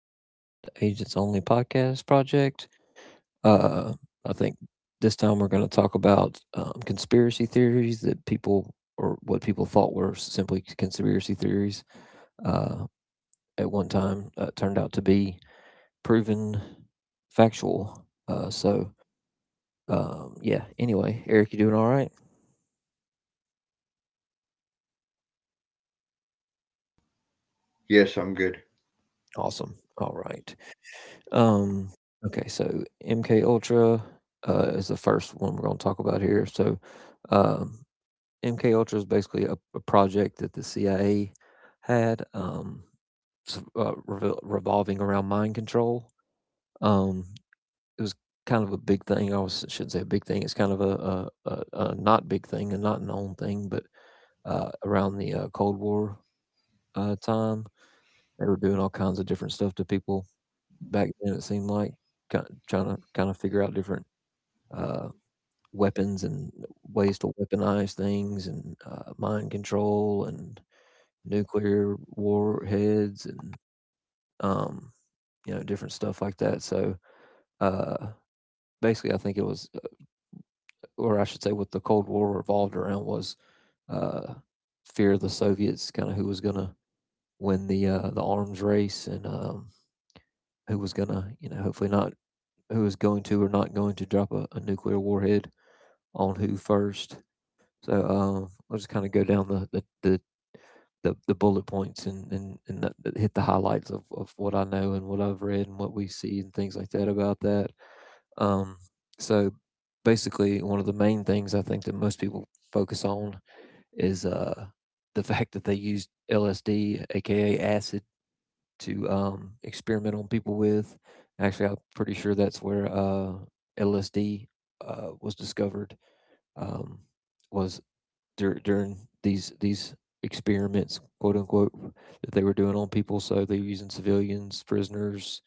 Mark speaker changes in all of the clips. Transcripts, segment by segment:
Speaker 1: Eric and Matt, Agents Only Podcast Project. Uh, I think this time we're going to talk about conspiracy theories that people or what people thought were simply conspiracy theories uh, at one time turned out to be proven factual. Anyway, Eric, you doing all right?
Speaker 2: Yes, I'm good.
Speaker 1: Awesome. All right. Um, okay, so MK Ultra is the first one we're going to talk about here. So, um, MK Ultra is basically a project that the CIA had revolving around mind control. Um, it was kind of a big thing. I was, shouldn't say a big thing. It's kind of a not big thing, and not known thing, but around the Cold War time, they were doing all kinds of different stuff to people back then. It seemed like kind of trying to kind of figure out different uh, weapons and ways to weaponize things and mind control and nuclear warheads, and um, you know, different stuff like that. So, uh, basically, I think it was, or I should say, what the Cold War revolved around was uh, fear of the Soviets, kind of who was going to win the the arms race, and who was going to, you know, hopefully not who was going to or not going to drop a nuclear warhead on who first. So, let's kind of go down the bullet points and hit the highlights of what I know and what I've read and what we see and things like that about that. Um, so, basically, one of the main things I think that most people focus on is the fact that they used LSD, aka acid, to experiment on people with. Actually, I'm pretty sure that's where LSD was discovered. Um, was During these experiments, quote unquote, that they were doing on people. So they were using civilians, prisoners,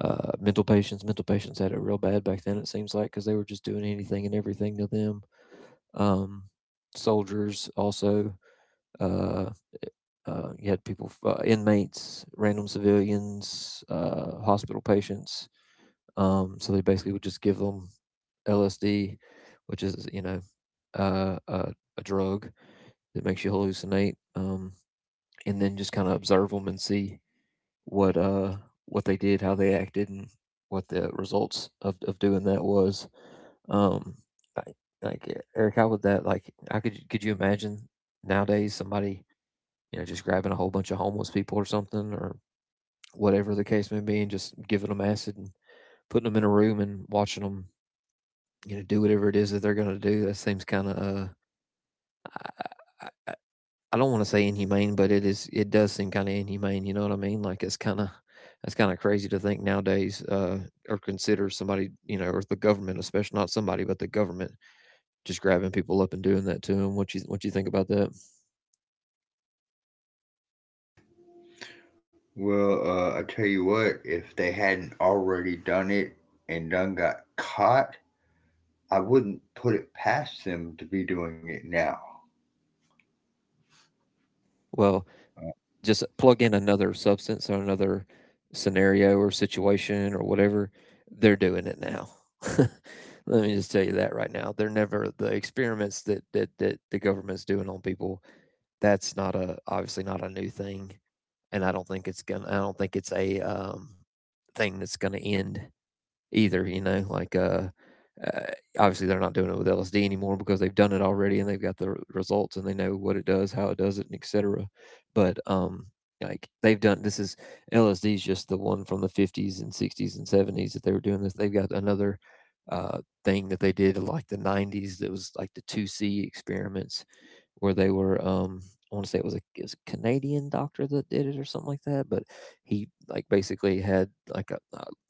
Speaker 1: mental patients. Mental patients had it real bad back then. It seems like, because they were just doing anything and everything to them. Um, Soldiers also. Uh, you had people, inmates, random civilians, hospital patients. So they basically would just give them LSD, which is, you know, uh, a, a drug that makes you hallucinate, and then just kind of observe them and see what uh, what they did, how they acted, and what the results of doing that was. Um, I, Eric, how would that like? How could you imagine nowadays somebody, you know, just grabbing a whole bunch of homeless people or something, or whatever the case may be, and just giving them acid and putting them in a room and watching them, you know, do whatever it is that they're gonna do. That seems kind of, I, I don't want to say inhumane, but it is. It does seem kind of inhumane. You know what I mean? Like it's kind of, that's kind of crazy to think nowadays, or consider somebody, you know, or the government, especially not somebody, but the government just grabbing people up and doing that to them. What you think about that?
Speaker 2: Well, I tell you what, if they hadn't already done it and done got caught, I wouldn't put it past them to be doing it now.
Speaker 1: Well,
Speaker 2: Uh,
Speaker 1: just plug in another substance or another scenario or situation or whatever, they're doing it now. Let me just tell you that right now. They're never the experiments that the government's doing on people. That's not a, obviously not a new thing, and I don't think it's gonna. I don't think it's a thing that's gonna end either. You know, like uh, obviously they're not doing it with LSD anymore, because they've done it already and they've got the results and they know what it does, how it does it, and etc. But like they've done this is LSD is just the one from the 50s and 60s and 70s that they were doing this. They've got another uh, thing that they did in like the 90s that was like the 2C experiments where they were, I want to say it was a Canadian doctor that did it or something like that, but he like basically had like a,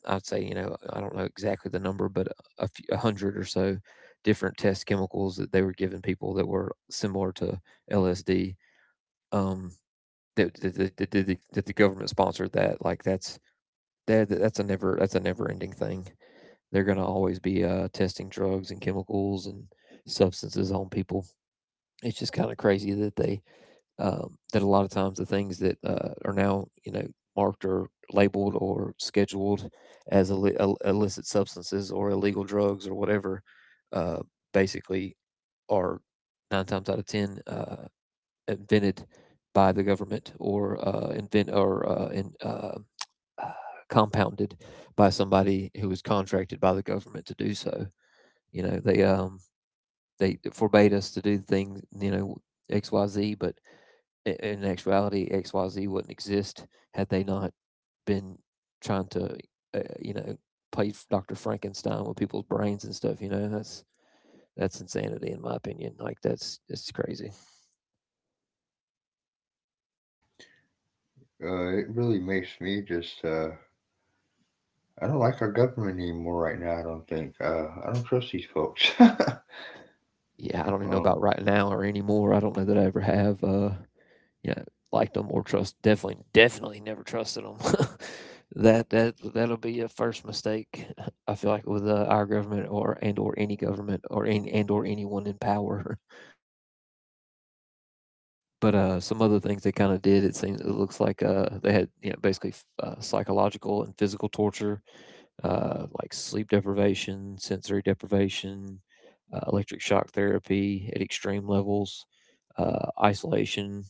Speaker 1: I'd say, you know, I don't know exactly the number, but a few, a hundred or so different test chemicals that they were giving people that were similar to LSD. Um, that the government sponsored that. Like that's a never, that's a never ending thing. They're gonna always be testing drugs and chemicals and substances on people. It's just kind of crazy that they that a lot of times the things that are now, you know, marked or labeled or scheduled as illicit substances or illegal drugs or whatever, uh, basically are nine times out of ten invented by the government, or uh, compounded by somebody who was contracted by the government to do so. You know, they forbade us to do things, you know, XYZ, but in actuality, XYZ wouldn't exist had they not been trying to, you know, play Dr. Frankenstein with people's brains and stuff. You know, that's insanity in my opinion. Like that's it's crazy.
Speaker 2: it really makes me just, I don't like our government anymore right now, I don't think. I don't trust these folks.
Speaker 1: Yeah, I don't even know
Speaker 2: um,
Speaker 1: about right now or anymore. I don't know that I ever have. You know, liked them or trust. Definitely, definitely never trusted them. That'll be a first mistake. I feel like with our government, or and or any government, or in, and or anyone in power. But, some other things they kinda did, it seems, it looks like, they had, you know, basically f psychological and physical torture, like sleep deprivation, sensory deprivation, electric shock therapy at extreme levels, isolation,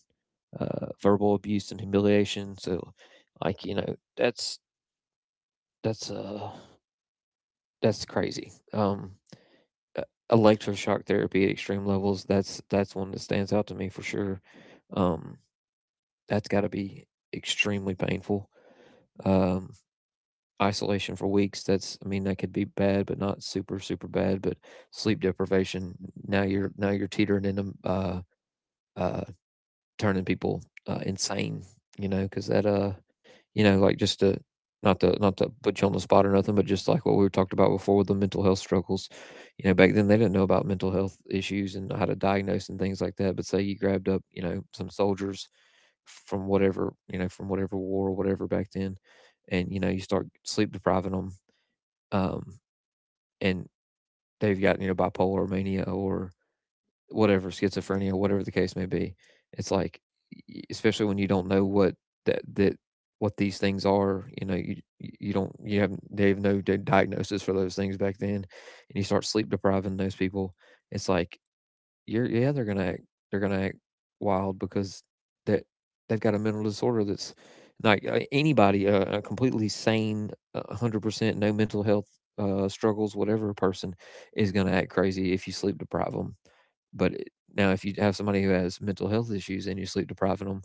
Speaker 1: verbal abuse and humiliation, so, like, you know, that's, uh, that's crazy. E Electroshock therapy at extreme levels, that's one that stands out to me for sure. Um that's got to be extremely painful. Um, Isolation for weeks, that's, I mean, that could be bad, but not super, super bad. But sleep deprivation, now you're teetering into, uh, turning people insane, you know, because that, you know, like not to, not to put you on the spot or nothing, but just like what we talked about before with the mental health struggles, you know, back then they didn't know about mental health issues and how to diagnose and things like that. But say you grabbed up, you know, some soldiers from whatever war or whatever back then, and you know you start sleep depriving them, um, and they've got, you know, bipolar mania or whatever, schizophrenia, whatever the case may be, it's like, especially when you don't know what that that what these things are, you know, you don't you have they have no diagnosis for those things back then, and you start sleep depriving those people, it's like you're yeah, they're gonna act, they're gonna act wild, because that they've got a mental disorder, that's like, anybody, a completely sane, a 100% no mental health, struggles, whatever person is gonna act crazy if you sleep deprive them. But it, now if you have somebody who has mental health issues and you sleep depriving them,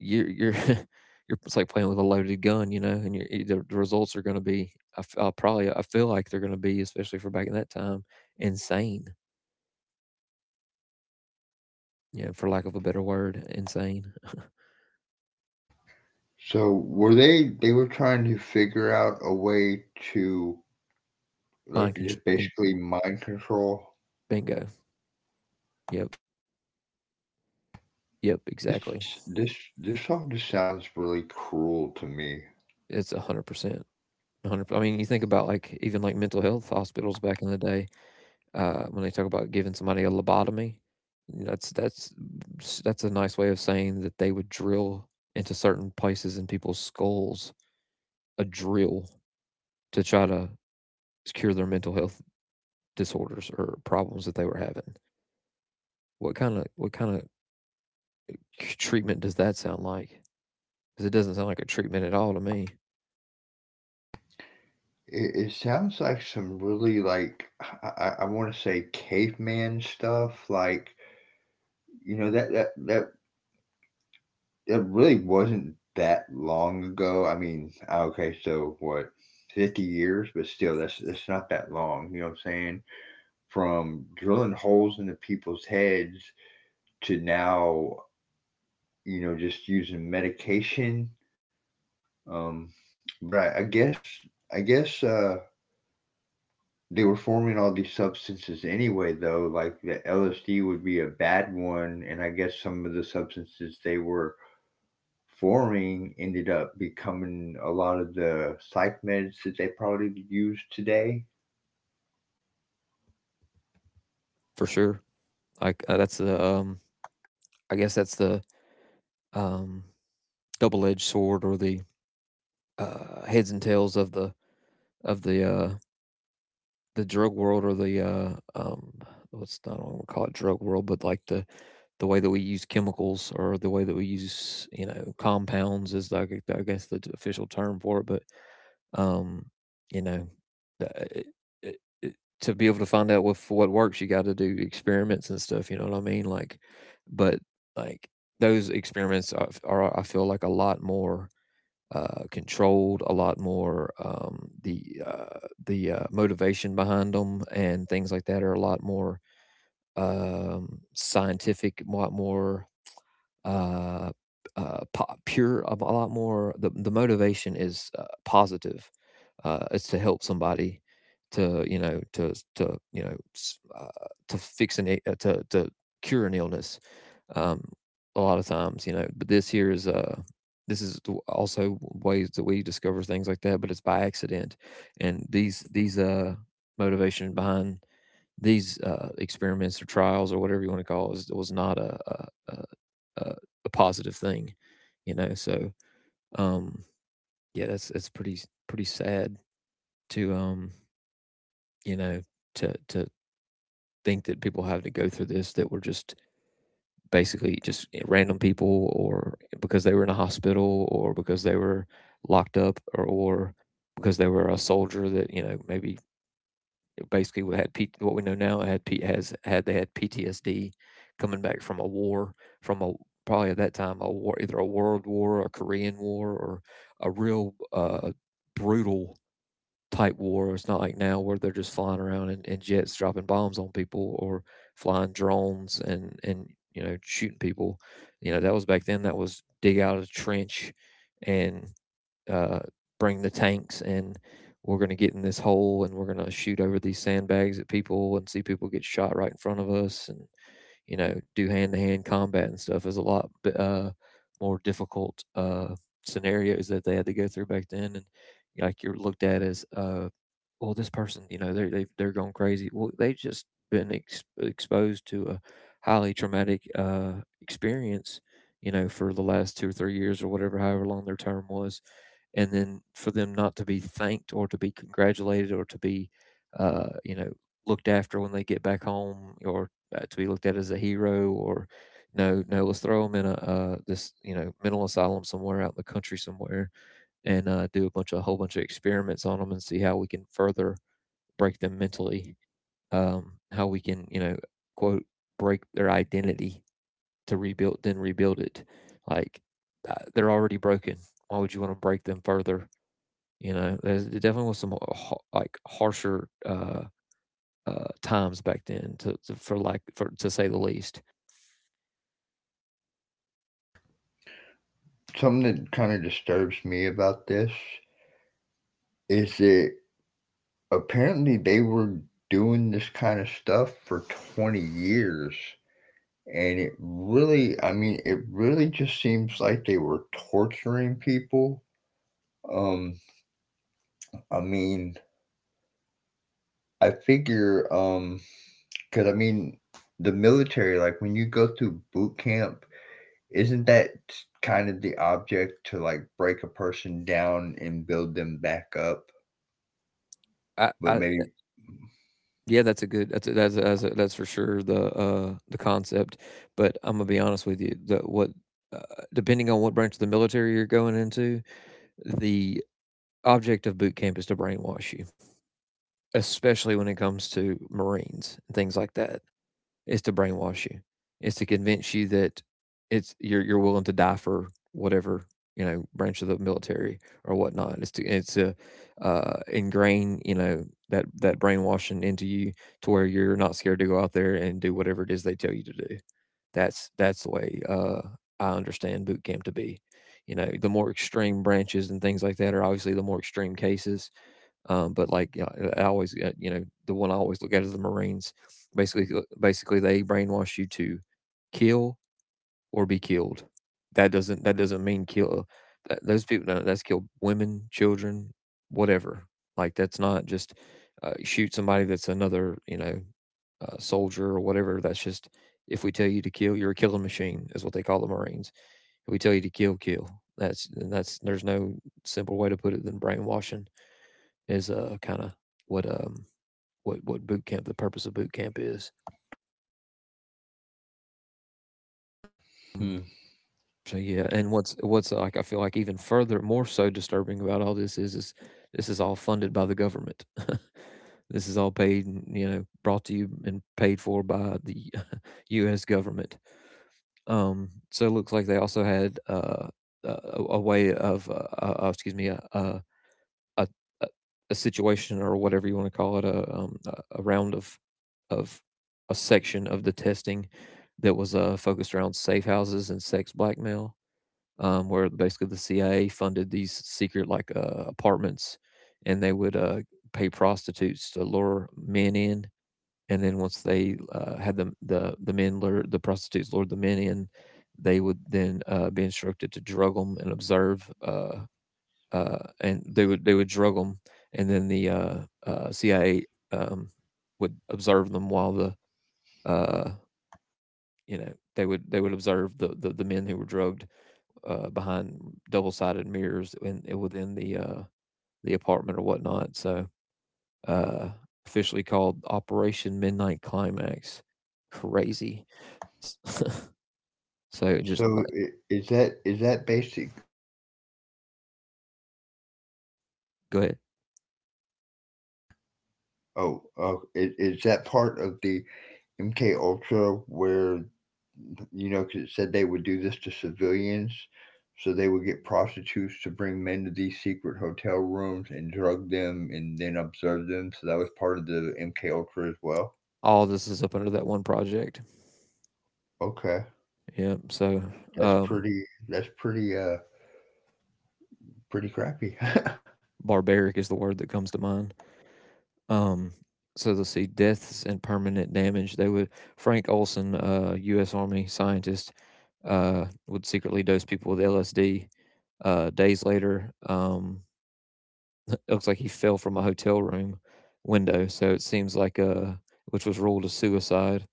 Speaker 1: you're you're, it's like playing with a loaded gun, you know, and you're e the results are gonna be, I'll probably, I feel like they're gonna be, especially for back in that time, insane. Yeah, for lack of a better word, insane.
Speaker 2: so they were trying to figure out a way to, like,
Speaker 1: Mind contr
Speaker 2: just
Speaker 1: con
Speaker 2: basically mind control?
Speaker 1: Bingo. Yep, yep,
Speaker 2: This
Speaker 1: exactly.
Speaker 2: just, this, this all just sounds really cruel to me.
Speaker 1: It's 100%, 100, I mean, you think about, like, even, like, mental health hospitals back in the day, when they talk about giving somebody a lobotomy, you know, that's a nice way of saying that they would drill into certain places in people's skulls, a drill, to try to cure their mental health disorders or problems that they were having. What kinda treatment does that sound like? 'Cause it doesn't sound like a treatment at all to me,
Speaker 2: It sounds like some really, like, I wanna say caveman stuff, like, you know, that really wasn't that long ago. I mean, ah, okay, so what, 50 years? But still, that's not that long, you know what I'm saying? From drilling holes into people's heads to now, you know, just using medication. Um, but I I guess I guess, they were forming all these substances anyway, though, like the LSD would be a bad one, and I guess some of the substances they were forming ended up becoming a lot of the psych meds that they probably use today.
Speaker 1: for sure. That's the, I guess that's the, um, double-edged sword or the, heads and tails of the of the the drug world or the, what's I don't wanna call it drug world, but, like, the way that we use chemicals or the way that we use, compounds is, like, I guess the official term for it. But Um, you know, the- it, it- To be able to find out what works, you got to do experiments and stuff. You know what I mean? Like, but like Those experiments are I feel like a lot more controlled, a lot more, the motivation behind them and things like that are a lot more scientific, a lot more, uh, pure, a lot more. The motivation is positive. It's to help somebody, to you know s- to fix an I- to cure an illness. Um, a lot of times, you know. But this here is, also ways that we discover things like that, but it's by accident. And these motivation behind these experiments or trials or whatever you want to call it was not a, a positive thing, you know. So um, yeah, that's pretty pretty sad to, you know to to think that people have to go through this that were just basically just random people, or because they were in a hospital, or because they were locked up, or because they were a soldier that, you know, maybe it basically, we had P, what we know now had P, has had they had PTSD coming back from a war, from a probably at that time a war, either a world war, a Korean war, or a real, brutal type war. It's not like now where they're just flying around in jets dropping bombs on people, or flying drones and, you know, shooting people. You know, that was back then. That was dig out a trench and, uh, bring the tanks, and we're going to get in this hole and we're going to shoot over these sandbags at people and see people get shot right in front of us, and you know, do hand to hand combat and stuff. Is a lot uh, more difficult scenarios that they had to go through back then. And like, you're looked at as, well, this person, you know, they're going crazy. Well, they've just been exposed to a highly traumatic experience, you know, for the last 2 or 3 years, or whatever, however long their term was. And then for them not to be thanked, or to be congratulated, or to be, you know, looked after when they get back home, or, to be looked at as a hero. Or no, no, let's throw them in a, this, you know, mental asylum somewhere out in the country somewhere, and, do a bunch of a whole bunch of experiments on them, and see how we can further break them mentally. How we can, you know, quote, break their identity to rebuild it. like they're already broken. Why would you want to break them further? You know, there's it definitely was some harsher, times back then, to for like for to say the least.
Speaker 2: Something that kind of disturbs me about this is that apparently they were doing this kind of stuff for 20 years. And it really, I mean, it really just seems like they were torturing people. Um, I mean, I figure, because I mean, the military, like when you go through boot camp, isn't that kind of the object to like break a person down and build them back up? But
Speaker 1: I
Speaker 2: maybe.
Speaker 1: Yeah, that's a good, that's for sure the concept. But Imma be honest with you, uh, depending on what branch of the military you're going into, the object of boot camp is to brainwash you, especially when it comes to Marines and things like that. Is to brainwash you. It's to convince you that it's you're willing to die for whatever, you know, branch of the military or whatnot. It's to Ingrain, you know, that that brainwashing into you, to where you're not scared to go out there and do whatever it is they tell you to do. That's the way, I understand boot camp to be. You know, the more extreme branches and things like that are obviously the more extreme cases. But like You know, I always, you know, the one I always look at is the Marines. Basically, they brainwash you to kill or be killed. That doesn't mean kill. Those people don't- that's kill women, children, whatever. Like, that's not just, shoot somebody that's another, you know, soldier or whatever. That's just, if we tell you to kill, you're a killing machine, is what they call the Marines. If we tell you to kill, kill. That's, there's no simple way to put it than brainwashing is, what, what boot camp the purpose of boot camp is.
Speaker 2: Hmm.
Speaker 1: Mm. So yeah. And what's, like, I feel like even further more so disturbing about all this is this is all funded by the government. This is all paid, you know, brought to you and paid for by the U.S. government. So it looks like they also had, a way of excuse me, a a, situation, or whatever you want to call it, of a section of the testing that was, focused around safe houses and sex blackmail. Where basically, the CIA funded these secret, like, apartments, and they would, pay prostitutes to lure men in. And then once they, had the men lure the prostitutes lured the men in, they would then, be instructed to drug them and observe. And they would drug them. And then the, CIA, um, would observe them while the, uh, they would observe the men who were drugged, behind double sided mirrors, within the, the apartment or whatnot. So, uh, officially called Operation Midnight Climax. Crazy. so just
Speaker 2: So
Speaker 1: like
Speaker 2: is that basic?
Speaker 1: go ahead.
Speaker 2: Oh, oh, is that part of the MK Ultra, where, you know, because it said they would do this to civilians. So they would get prostitutes to bring men to these secret hotel rooms and drug them and then observe them. So that was part of the MK Ultra as well.
Speaker 1: All this is up under that one project.
Speaker 2: Okay.
Speaker 1: Yeah. So,
Speaker 2: That's
Speaker 1: um,
Speaker 2: pretty that's pretty uh pretty crappy.
Speaker 1: barbaric is the word that comes to mind. Um, so let's see, deaths and permanent damage. They would Frank Olson, U.S. Army scientist, would secretly dose people with LSD. Days later, it looks like he fell from a hotel room window. So it seems like Which was ruled a suicide.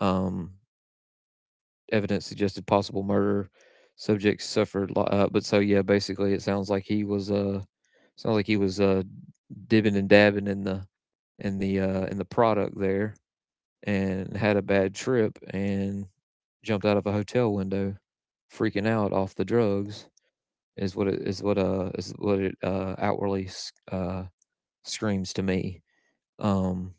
Speaker 1: Um, Evidence suggested possible murder. Subjects suffered, lo- but So yeah, basically, it sounds like he was, sounds like he was uh, dibbing and dabbing in the, in the product there, and had a bad trip and jumped out of a hotel window, freaking out off the drugs, is what it outwardly, uh screams to me. Um,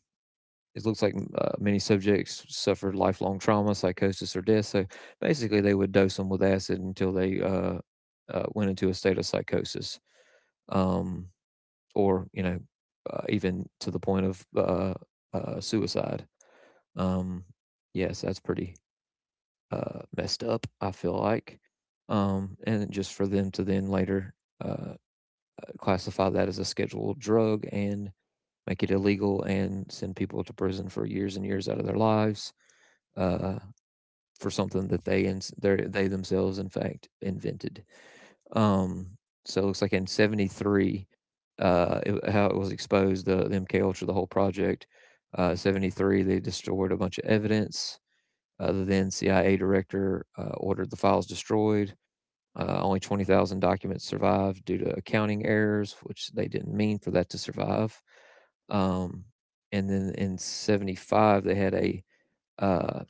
Speaker 1: it looks like, many subjects suffered lifelong trauma, psychosis, or death. So basically, they would dose them with acid until they, went into a state of psychosis. um, or you know, Even to the point of, suicide. Um, yes, that's pretty, messed up, I feel like. And just for them to then later, uh, classify that as a scheduled drug, and make it illegal, and send people to prison for years and years out of their lives, uh, for something that they themselves in fact invented. Um, so it looks like in '73, how it was exposed, the MK Ultra, the whole project. '73, they destroyed a bunch of evidence. The then CIA director, ordered the files destroyed. Only 20,000 documents survived due to accounting errors, which they didn't mean for that to survive. Um, and then in 75, they had a, uh,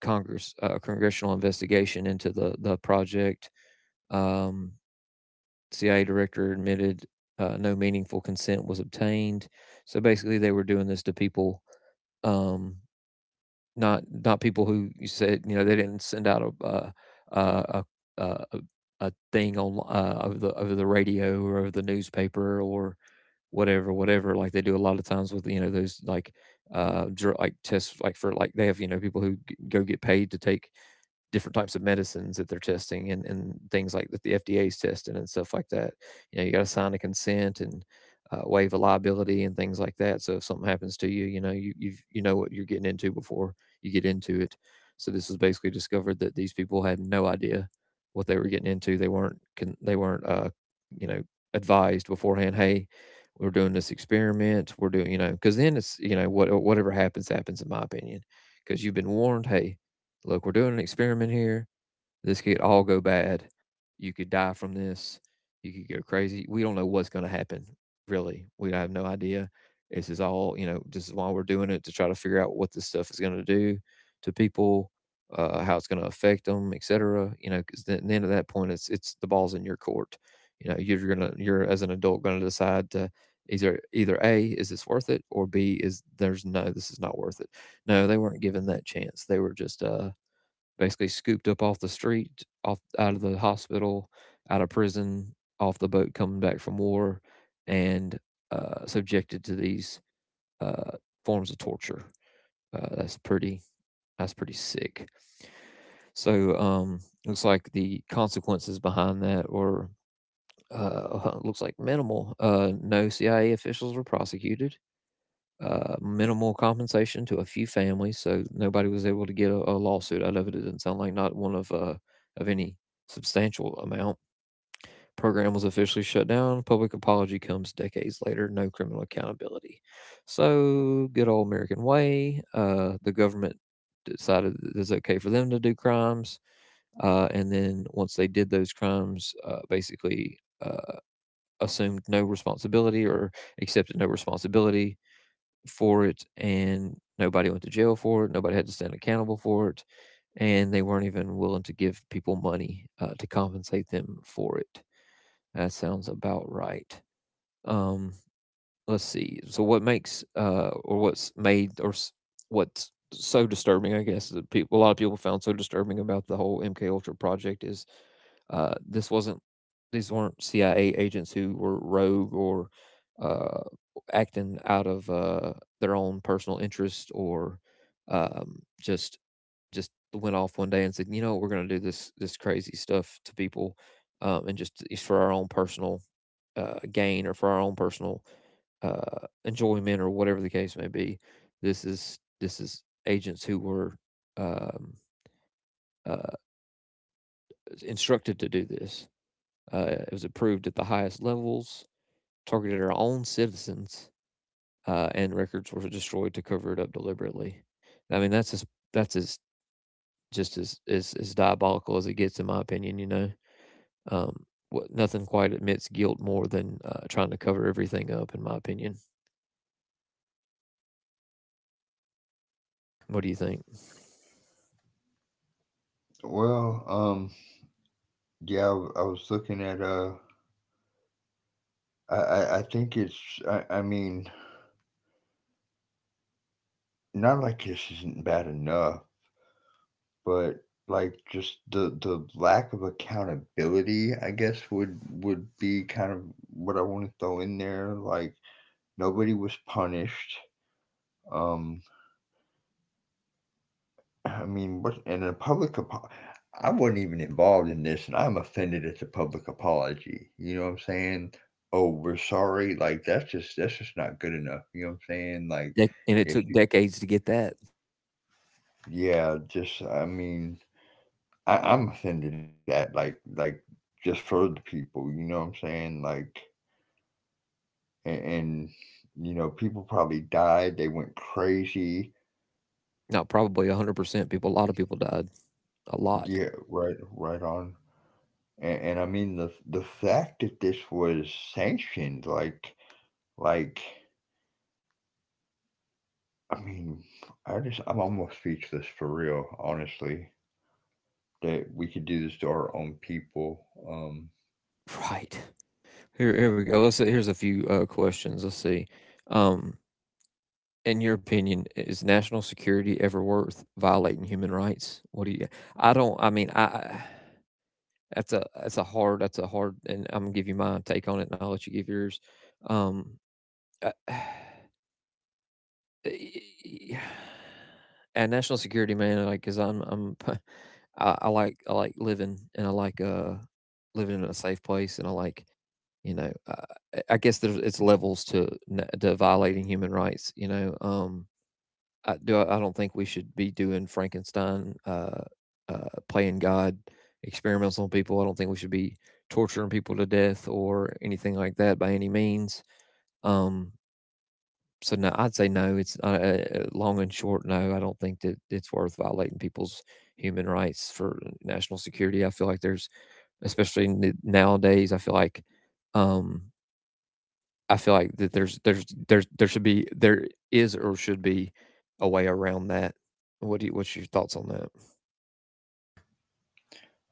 Speaker 1: Congressional investigation into the project. Um, CIA director admitted, no meaningful consent was obtained. So basically, they were doing this to people. um, not people who you said, you know. They didn't send out a, uh, a a a thing on, over the radio, or over the newspaper, or whatever, whatever. Like they do a lot of times with, you know, those, tests, like for like they have, you know, people who go get paid to take different types of medicines that they're testing, and things like that, the FDA is testing and stuff like that. You know, you got to sign a consent and, waive a liability and things like that. So if something happens to you, you know, you know what you're getting into before you get into it. So this was basically discovered that these people had no idea what they were getting into. They weren't You know, advised beforehand. Hey, we're doing this experiment. We're doing, you know, because then it's, you know, what whatever happens happens, in my opinion, because you've been warned. Hey, look, we're doing an experiment here. This could all go bad. You could die from this. You could go crazy. We don't know what's going to happen, really. We have no idea. This is all, this is why we're doing it, to try to figure out what this stuff is going to do to people, how it's going to affect them, et cetera. You know, because at the end of that point, it's the ball's in your court. You know, you're going to, you're as an adult going to decide to either, either A, is this worth it? Or B, is there's no, this is not worth it. No, they weren't given that chance. They were just, basically scooped up off the street, off out of the hospital, out of prison, off the boat coming back from war, and subjected to these uh, forms of torture. That's pretty. That's pretty sick. So um, Looks like the consequences behind that were looks like minimal. No CIA officials were prosecuted, minimal compensation to a few families, so nobody was able to get a lawsuit out of it. It didn't sound like not one of any substantial amount. Program was officially shut down. Public apology comes decades later. No criminal accountability. So good old American way. The government decided that it's okay for them to do crimes, and then once they did those crimes, basically assumed no responsibility or accepted no responsibility for it, and nobody went to jail for it. Nobody had to stand accountable for it. And they weren't even willing to give people money, to compensate them for it. That sounds about right. Um, let's see. So what makes or what's made or what's so disturbing, I guess, that people a lot of people found so disturbing about the whole MK Ultra project is this wasn't these weren't CIA agents who were rogue or uh acting out of their own personal interest, or um just just went off one day and said, "You know, we're going to do this crazy stuff to people, and just it's for our own personal gain, or for our own personal enjoyment, or whatever the case may be. This is agents who were um, uh, instructed to do this. It was approved at the highest levels, targeted our own citizens, and records were destroyed to cover it up deliberately. I mean, that's as just as diabolical as it gets, in my opinion. You know, um, what, nothing quite admits guilt more than trying to cover everything up, in my opinion. What do you think?
Speaker 2: Well, I was looking at uh, I think it's I mean, not like this isn't bad enough, but, like, just the lack of accountability, I guess, would be kind of what I wanna throw in there, like, nobody was punished. um, I mean, what and a public apo I wasn't even involved in this, and I'm offended at the public apology, you know what I'm saying? "Oh, we're sorry," like, that's just not good enough, you know what I'm saying? Like,
Speaker 1: Dec- and it
Speaker 2: if
Speaker 1: took
Speaker 2: you
Speaker 1: decades to get that.
Speaker 2: yeah, just I mean, I'm offended at that. Like, just for the people, you know what I'm saying? Like, and you know, people probably died. They went crazy.
Speaker 1: No, probably 100% people a lot of people died. A lot.
Speaker 2: Yeah, right, right on. And I mean, the fact that this was sanctioned, like, I mean, I just I'm almost speechless for real, honestly. That we could do this to our own people. Um,
Speaker 1: Right. Here here we go. Let's see. Here's a few questions. Let's see. Um, in your opinion, is national security ever worth violating human rights? What do you I don't I mean, I that's a hard that's a hard, and I'm gonna give you my take on it and I'll let you give yours. Um, I at national security, man, like, because I 'cause I'm I like I like living, and I like, living in a safe place, and I like, you know, uh, I guess there's it's levels to n to violating human rights, you know, I do I don't think we should be doing Frankenstein, playing God experiments on people. I don't think we should be torturing people to death or anything like that by any means, um so no, I'd say no. It's long and short. No, I don't think that it's worth violating people's human rights for national security. I feel like there's, especially nowadays, um, I feel like that there's there should be there is or should be a way around that. What do you, what's your thoughts on that?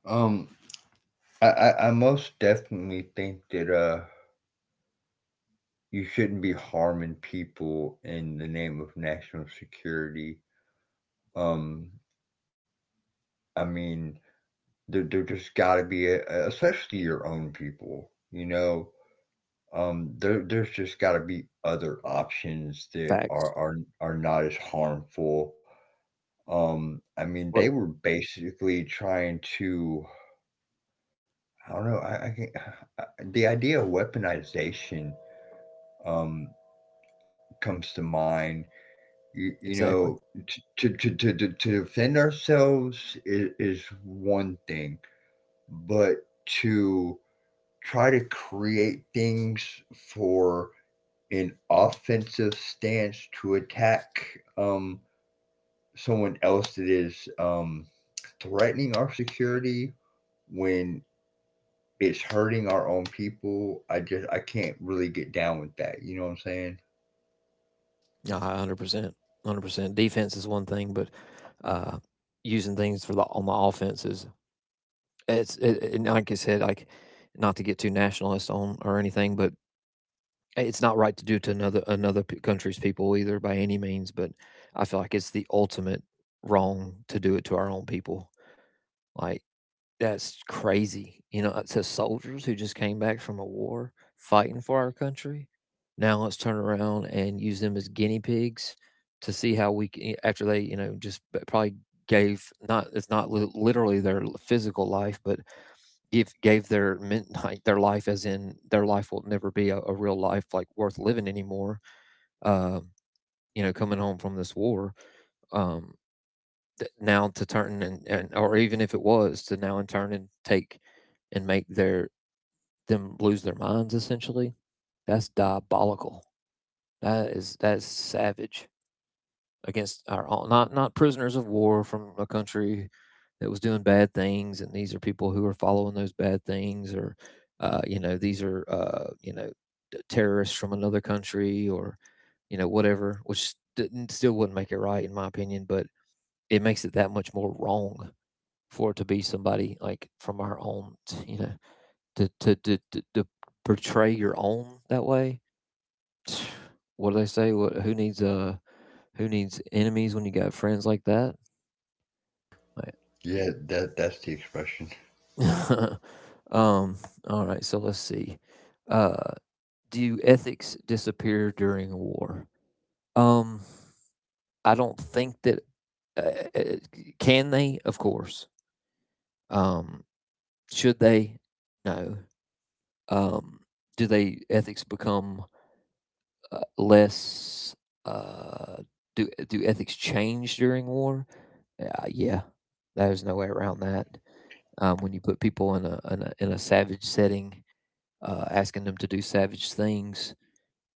Speaker 2: um, I most definitely think that you shouldn't be harming people in the name of national security. Um, I mean, there just got to be, especially your own people, you know. There's just got to be other options that
Speaker 1: Facts.
Speaker 2: are not as harmful. I mean, they
Speaker 1: Well,
Speaker 2: were basically trying to, I don't know, I can, the idea of weaponization um comes to mind, you
Speaker 1: exactly.
Speaker 2: know, to defend ourselves is one thing, but to try to create things for an offensive stance to attack, um, someone else that is, threatening our security, when it's hurting our own people. I just I can't really get down with that, you know what I'm saying?
Speaker 1: Yeah, 100%. 100%. Defense is one thing, but uh, using things for the on the offense is It's it, and like I said, like not to get too nationalist on or anything, but it's not right to do to another another country's people either by any means. But I feel like it's the ultimate wrong to do it to our own people. Like, that's crazy, you know. It says soldiers who just came back from a war fighting for our country, now let's turn around and use them as guinea pigs to see how we can, after they you know just probably gave not it's not literally their physical life, but if gave their midnight their life as in their life will never be a real life like worth living anymore, um you know coming home from this war, um now to turn and or even if it was to now in turn and take and make their them lose their minds, essentially. That's diabolical. That is that's savage against our own, not not prisoners of war from a country that was doing bad things, and these are people who are following those bad things, or you know, these are you know terrorists from another country, or you know whatever, which didn't, still wouldn't make it right in my opinion, but it makes it that much more wrong for it to be somebody like from our own, you know, to to portray your own that way. What do they say? What who needs enemies when you got friends like that?
Speaker 2: Yeah, that that's the expression.
Speaker 1: Right. um. All right. So let's see. Uh, do ethics disappear during a war? Um, I don't think that. Uh, uh, can they? Of course. Um, should they? No. Um, do they ethics become less? Uh, do do ethics change during war? Yeah, there's no way around that. When you put people in a savage setting, asking them to do savage things,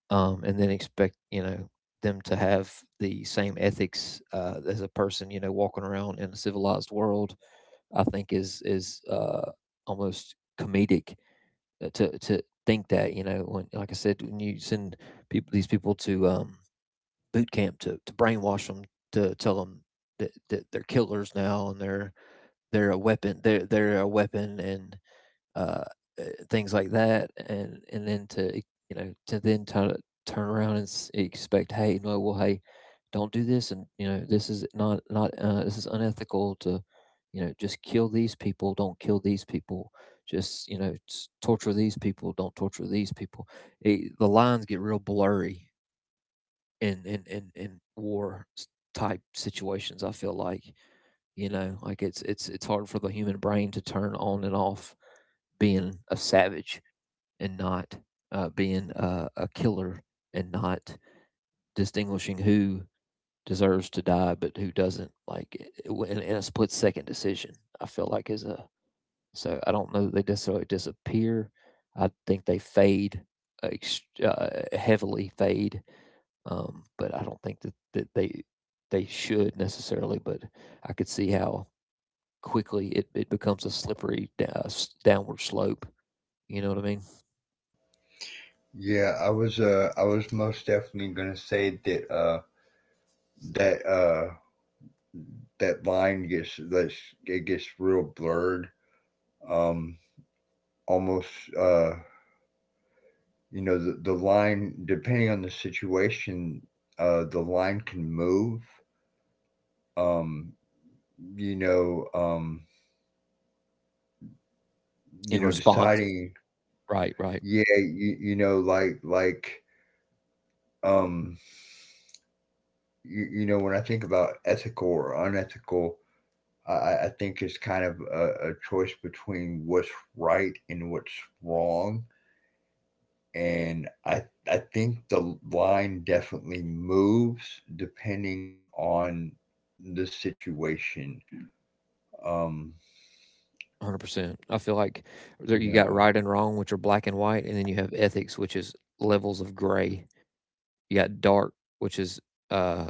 Speaker 1: and then expect you know them to have the same ethics, as a person you know walking around in a civilized world, I think is almost comedic, to think that, you know, when like I said when you send people these people to boot camp to brainwash them, to tell them that, that they're killers now and they're a weapon. They're a weapon, and uh, uh, things like that. And then to e, you know to then turn turn around and expect, hey, no, well, hey, don't do this, and you know this is not not this is unethical to you know just kill these people, don't kill these people, just you know torture these people, don't torture these people. It, the lines get real blurry in war type situations. I feel like you know, like it's it's hard for the human brain to turn on and off being a savage and not being a killer and not distinguishing who deserves to die but who doesn't. Like in a split second decision, I feel like is a so I don't know that they necessarily disappear. I think they fade, uh, heavily fade. But I don't think that, that they should necessarily. But I could see how quickly it it becomes a slippery da s downward slope, you know what I mean?
Speaker 2: Yeah, I was most definitely gonna say that that uh that line gets that's it gets real blurred. Um Almost, uh you know, the line, depending on the situation, the line can move. Um you know,
Speaker 1: In
Speaker 2: you know,
Speaker 1: response
Speaker 2: deciding,
Speaker 1: right, right,
Speaker 2: yeah, you know, like, um you, you know, when I think about ethical or unethical, I think it's kind of a choice between what's right and what's wrong. And I think the line definitely moves depending on the situation. Um,
Speaker 1: 100%. I feel like
Speaker 2: you
Speaker 1: there you
Speaker 2: know.
Speaker 1: got right and wrong, which are black and white, and then you have ethics, which is levels of gray. You got dark, which is, uh,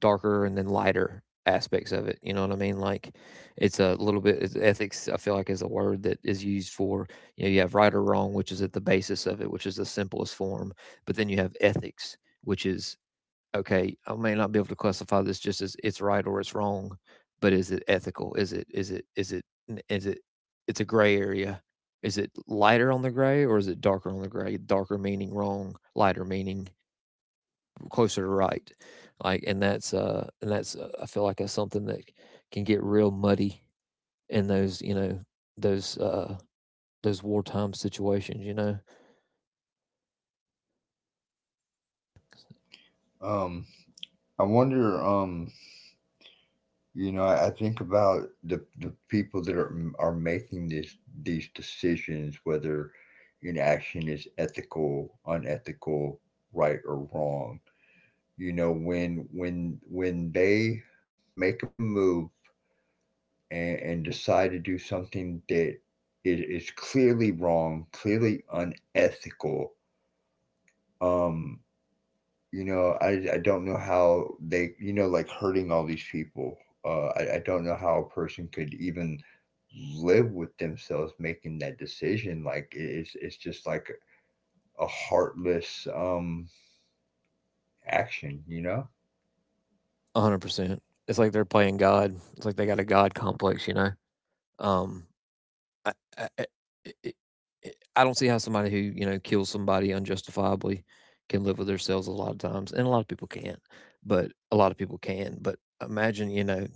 Speaker 1: darker, and then lighter aspects of it, you know what I mean? Like, it's a little bit it's ethics, I feel like, is a word that is used for you know, you have right or wrong, which is at the basis of it, which is the simplest form, but then you have ethics, which is okay, I may not be able to classify this just as it's right or it's wrong, but is it ethical? Is it it's a gray area. Is it lighter on the gray or is it darker on the gray? Darker meaning wrong, lighter meaning closer to right. Like and that's I feel like that's something that can get real muddy in those, you know, those uh those wartime situations, you know.
Speaker 2: um, I wonder, you know, I think about the people that are making these decisions, whether an action is ethical, unethical, right or wrong, you know, when when they make a move and decide to do something that is clearly wrong, clearly unethical. um you know, I don't know how they, you know, like hurting all these people. I don't know how a person could even live with themselves making that decision. Like, it's just like a heartless action, you know.
Speaker 1: 100%. It's like they're playing God. It's like they got a God complex, you know. Um I, I, I, I don't see how somebody who you know kills somebody unjustifiably can live with themselves a lot of times, and a lot of people can't, but a lot of people can. But imagine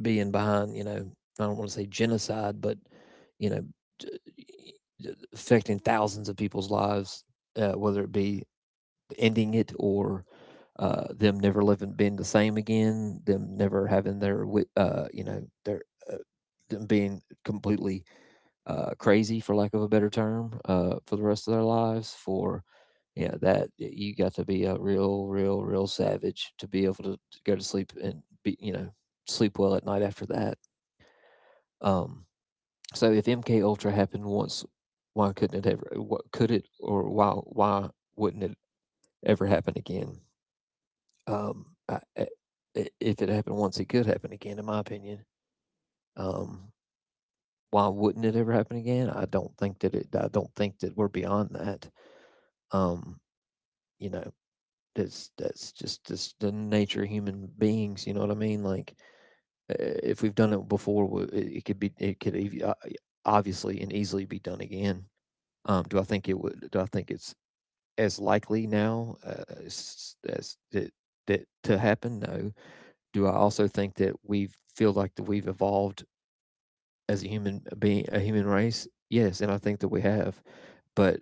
Speaker 1: being behind, I don't want to say genocide, but you know affecting thousands of people's lives, whether it be ending it or them never living being the same again, them never having their their uh, them being completely crazy, for lack of a better term, for the rest of their lives. For yeah, that you got to be a real, real, real savage to be able to go to sleep and be you know sleep well at night after that. Um, so if MK Ultra happened once, why couldn't it ever? What could it or why wouldn't it ever happen again? Um, I- if it happened once, it could happen again, in my opinion. Um, why wouldn't it ever happen again? I don't think that it. I don't think that we're beyond that. Um, you know that's just the nature of human beings. You know what I mean? Uh, if we've done it before, it could uh, obviously and easily be done again. Do I think it would? Do I think it's as likely now as that to happen? No. Do I also think that we feel like that we've evolved as a human being, a human race? Yes, and I think that we have. But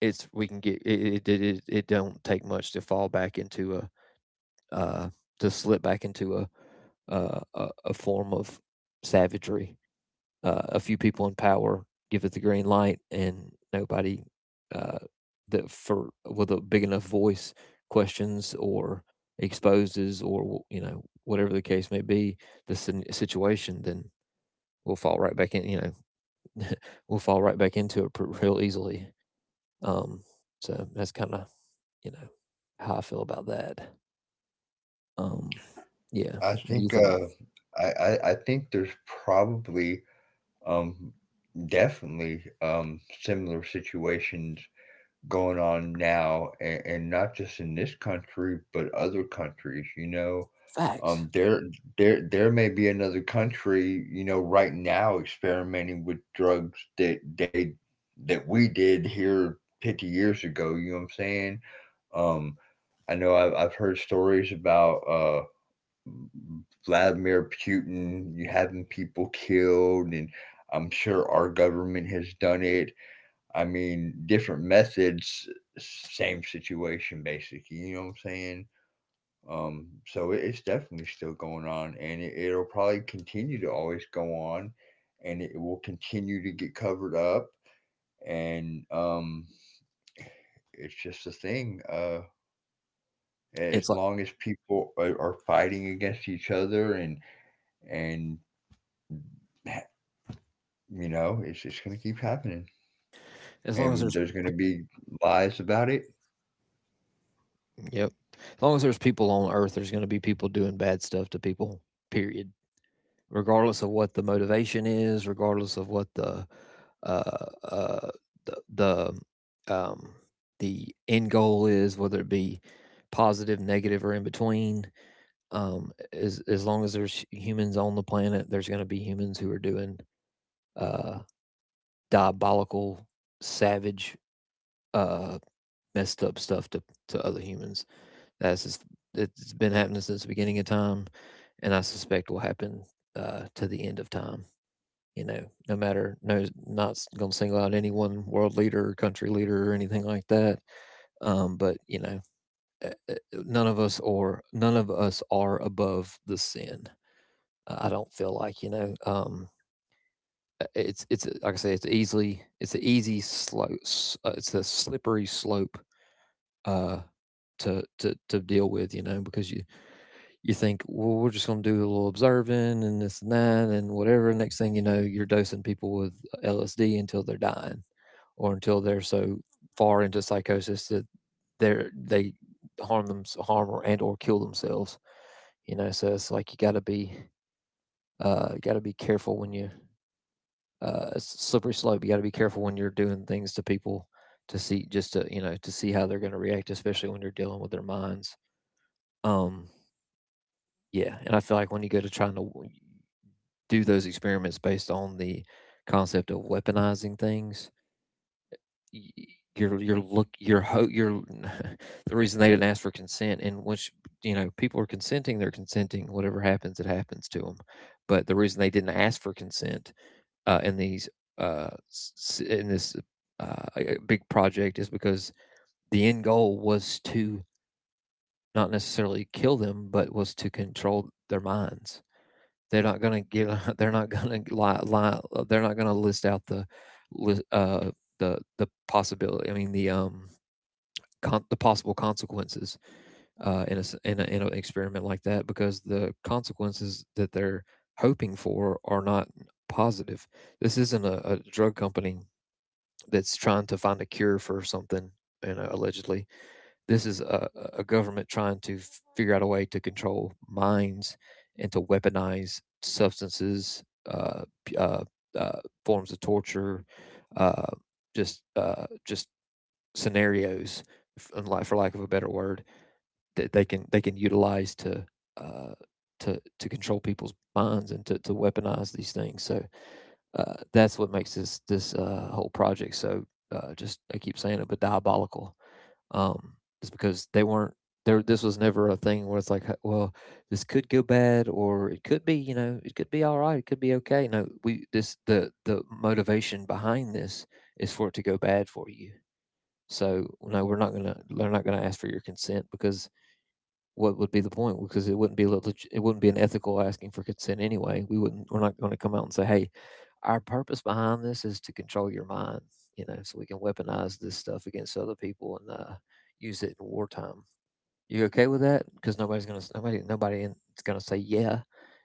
Speaker 1: it's we can get it. It don't take much to fall back into a uh, to slip back into a a form of savagery. A few people in power give it the green light, and nobody uh, that for with a big enough voice questions or exposes or, whatever the case may be, the situation. Then we'll fall right back in. You know, we'll fall right back into it real easily. Um, so that's kind of, you know how I feel about that. Um, yeah,
Speaker 2: I
Speaker 1: what do you
Speaker 2: think,
Speaker 1: think?
Speaker 2: I think there's probably, um, definitely, similar situations going on now, and not just in this country, but other countries. You know,
Speaker 1: Facts.
Speaker 2: there there may be another country, you know, right now experimenting with drugs that they that we did here 50 years ago. You know what I'm saying? Um, I know I've heard stories about Vladimir Putin, you having people killed, and I'm sure our government has done it. I mean, different methods, same situation basically. You know what I'm saying? So it's definitely still going on, and it, it'll probably continue to always go on, and it will continue to get covered up, and it's just a thing. As
Speaker 1: It's like
Speaker 2: long as people are fighting against each other and, you know, it's just gonna keep happening,
Speaker 1: as long as
Speaker 2: and
Speaker 1: there's
Speaker 2: there's gonna be lies about it.
Speaker 1: Yep, as long as there's people on earth, there's going to be people doing bad stuff to people. Period. Regardless of what the motivation is, regardless of what the uh, uh, the the um, the end goal is, whether it be positive, negative, or in between. As long as there's humans on the planet, there's going to be humans who are doing uh, diabolical, savage, uh, messed up stuff to other humans. That's just it's been happening since the beginning of time, and I suspect will happen to the end of time. You know, no matter not gonna single out any one world leader or country leader or anything like that. But you know, uh, uh, none of us are above the sin. I don't feel like, you know. It's Like I say, it's easily it's an easy slope. S- It's a slippery slope uh, to deal with, you know, because you think, well, we're just going to do a little observing and this and that and whatever. Next thing you know, you're dosing people with LSD until they're dying or until they're so far into psychosis that they harm them, harm or, and or kill themselves, you know? So it's like, you gotta be careful when you, it's a slippery slope. You gotta be careful when you're doing things to people to see, just to, you know, to see how they're going to react, especially when you're dealing with their minds. Um, yeah, and I feel like when you go to trying to do those experiments based on the concept of weaponizing things, y- you're look you're ho- you're the reason they didn't ask for consent, and which you know, people are consenting, they're consenting, whatever happens it happens to them, but the reason they didn't ask for consent in in this uh, a big project is because the end goal was to not necessarily kill them but was to control their minds. They're not gonna give, they're not gonna lie, they're not gonna list out the, lis the possibility I mean, the, con the possible consequences, in a s in a in an experiment like that, because the consequences that they're hoping for are not positive. This isn't a drug company that's trying to find a cure for something, you know, allegedly. This is a government trying to figure out a way to control minds and to weaponize substances, uh, uh, uh, forms of torture, uh, just scenarios, for lack of a better word, that they can utilize to uh, to control people's minds and to weaponize these things. So that's what makes this whole project so, just, I keep saying it, but diabolical, um, is because they weren't there. This was never a thing where it's like, "Huh, well, this could go bad, or it could be, you know, it could be all right, it could be okay." No, we this the motivation behind this is for it to go bad for you. So no, we're not gonna they're not gonna ask for your consent, because what would be the point? Because it wouldn't be it wouldn't be an ethical asking for consent anyway. We're not going to come out and say, hey, our purpose behind this is to control your mind, you know, so we can weaponize this stuff against other people and use it in wartime. You okay with that? Because nobody's gonna nobody nobody in, is gonna say yeah.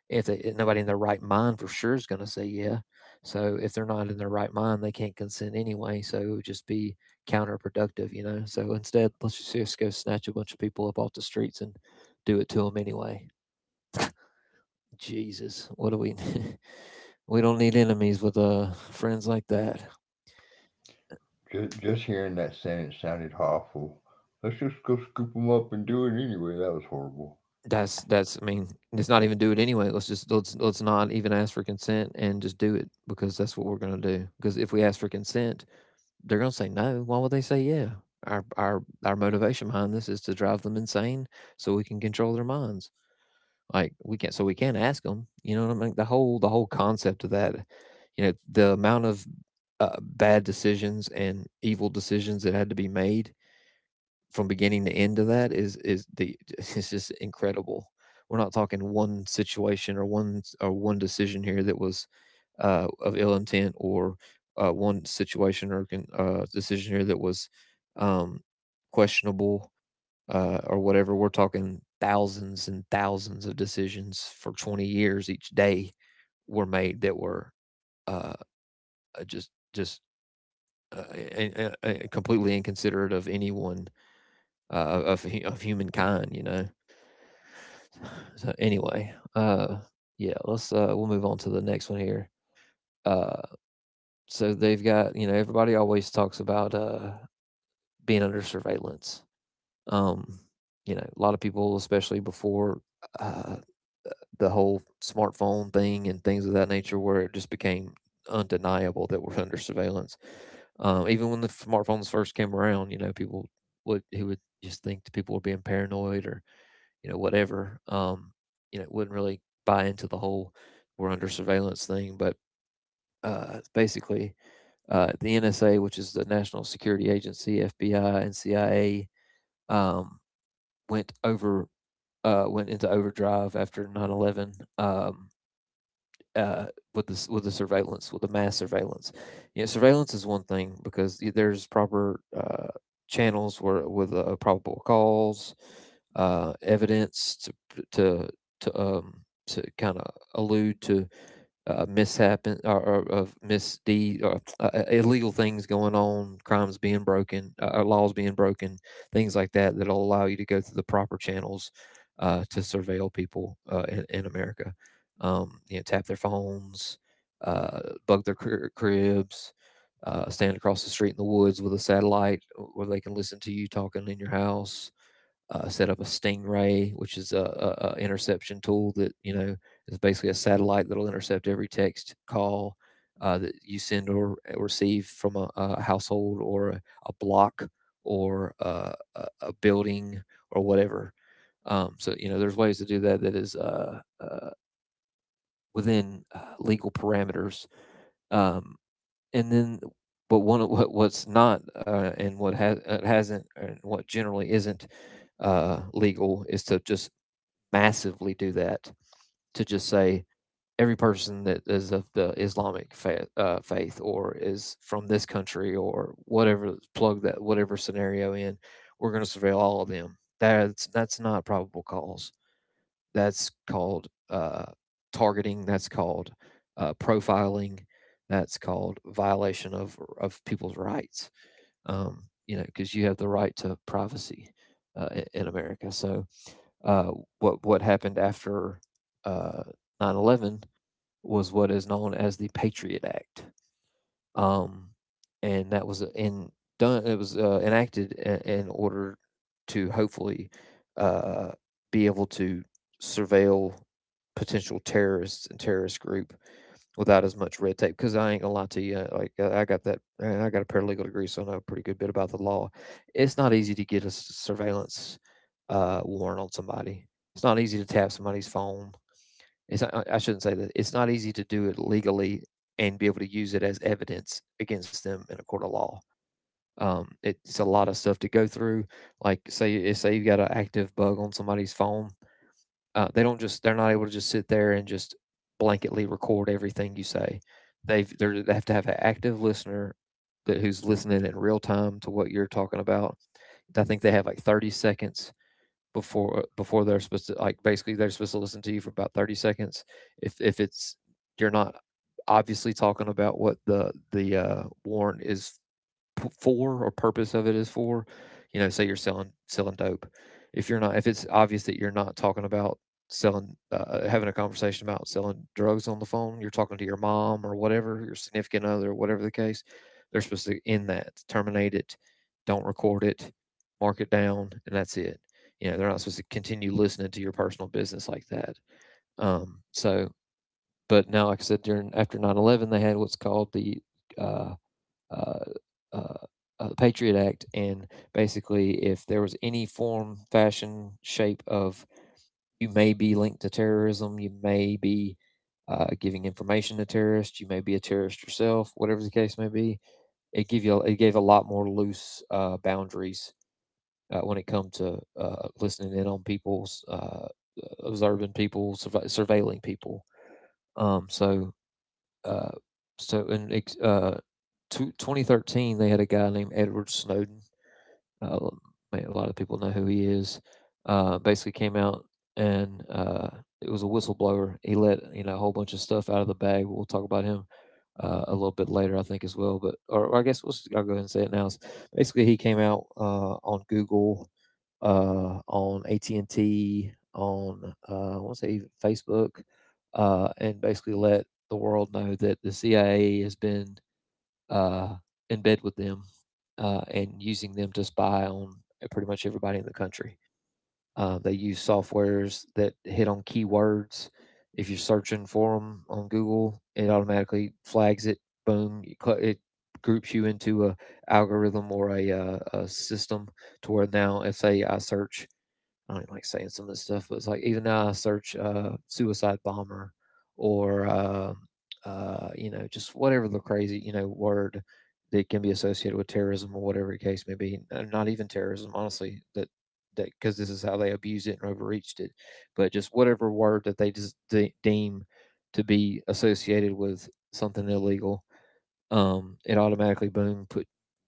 Speaker 1: If nobody in their right mind, for sure, is gonna say yeah. So if they're not in their right mind, they can't consent anyway. So it would just be counterproductive, you know. So instead, let's just go snatch a bunch of people up off the streets and do it to them anyway. Jesus, what do we? We don't need enemies with friends like that.
Speaker 2: Just hearing that sentence sounded awful. Let's just go scoop them up and do it anyway. That was horrible.
Speaker 1: That's I mean, let's not even do it anyway. Let's just let's not even ask for consent and just do it, because that's what we're gonna do. Because if we ask for consent, they're gonna say no. Why would they say yeah? Our motivation behind this is to drive them insane so we can control their minds. Like we can't, so we can't ask them. You know what I mean? The whole concept of that, you know, the amount of bad decisions and evil decisions that had to be made from beginning to end of that is the it's just incredible. We're not talking one situation or one decision here that was of ill intent or one situation or decision here that was um, questionable or whatever. We're talking thousands and thousands of decisions for 20 years each day were made that were uh, just uh, I- I- completely inconsiderate of anyone of humankind, you know. So anyway, yeah, let's we'll move on to the next one here. Uh, so they've got, you know, everybody always talks about being under surveillance. Um, you know, a lot of people, especially before uh, the whole smartphone thing and things of that nature, where it just became undeniable that we're under surveillance. Even when the smartphones first came around, you know, people would who would just think that people were being paranoid or, you know, whatever. You know, wouldn't really buy into the whole "we're under surveillance" thing, but basically, the NSA, which is the National Security Agency, FBI, and CIA, um, went over went into overdrive after 9/11. Um, uh, with the surveillance, with the mass surveillance. You know, surveillance is one thing because there's proper channels where, with probable cause, evidence to to to um kind of allude to mishap, or of misdeed, or illegal things going on, crimes being broken, laws being broken, things like that, that'll allow you to go through the proper channels to surveil people in America. You know, tap their phones, uh, bug their cribs, stand across the street in the woods with a satellite where they can listen to you talking in your house, set up a Stingray, which is a interception tool that, you know, is basically a satellite that'll intercept every text call that you send or receive from a household, or a block, or a building or whatever. So you know, there's ways to do that that is within legal parameters. Um, and then but one of what's not, and what generally isn't, legal is to just massively do that, to just say, "Every person that is of the Islamic fa faith or is from this country or whatever, plug that whatever scenario in, we're gonna surveil all of them." That's not probable cause. That's called, targeting. That's called, profiling. That's called violation of people's rights. Because you have the right to privacy in America. So, uh, what happened after uh, 9 11 was what is known as the Patriot Act, um, and that was in done. It was enacted in order to hopefully uh, be able to surveil potential terrorists and terrorist group without as much red tape. Because I ain't gonna lie to you, I got that, and I got a paralegal degree, so I know a pretty good bit about the law. It's not easy to get a surveillance warrant on somebody. It's not easy to tap somebody's phone it's not, I- shouldn't say that. It's not easy to do it legally and be able to use it as evidence against them in a court of law. It's a lot of stuff to go through. Say you've got an active bug on somebody's phone, they're not able to just sit there and just blanketly record everything you say. They've they have to have an active listener that who's listening in real time to what you're talking about. I think they have like 30 seconds before they're supposed to basically they're supposed to listen to you for about 30 seconds if it's you're not obviously talking about what the warrant is for or purpose of it is for. You know, say you're selling dope. If you're not, if it's obvious that you're not talking about having a conversation about selling drugs on the phone, you're talking to your mom or whatever, your significant other, or whatever the case. They're supposed to end that, terminate it, don't record it, mark it down, and that's it. You know, they're not supposed to continue listening to your personal business like that. Um, so, but now, like I said, during after 9/11, they had what's called uh, uh, uh, the Patriot Act, and basically, if there was any form, fashion, shape of you may be linked to terrorism, you may be giving information to terrorists, you may be a terrorist yourself, whatever the case may be, it give you it gave a lot more loose boundaries when it comes to listening in on people's observing people, surveilling people. Um, so uh, in uh, 2013, they had a guy named Edward Snowden, uh, like, a lot of people know who he is. Basically, came out and it was a whistleblower. He let you know a whole bunch of stuff out of the bag. We'll talk about him a little bit later, I think, as well. Or I guess I'll go ahead and say it now. Basically, he came out on Google, on AT&T and T, on I want to say Facebook, and basically let the world know that the CIA has been uh, in bed with them and using them to spy on pretty much everybody in the country. They use softwares that hit on keywords. If you're searching for them on Google, it automatically flags it. Boom! It groups you into a algorithm or a, uh, a system to where now, if say I search I don't even like saying some of this stuff, but it's like even now I search suicide bomber or just whatever the crazy you know word that can be associated with terrorism or whatever the case may be. Not even terrorism, honestly. That that Because this is how they abused it and overreached it, but just whatever word that they just deem to be associated with something illegal, it automatically boom put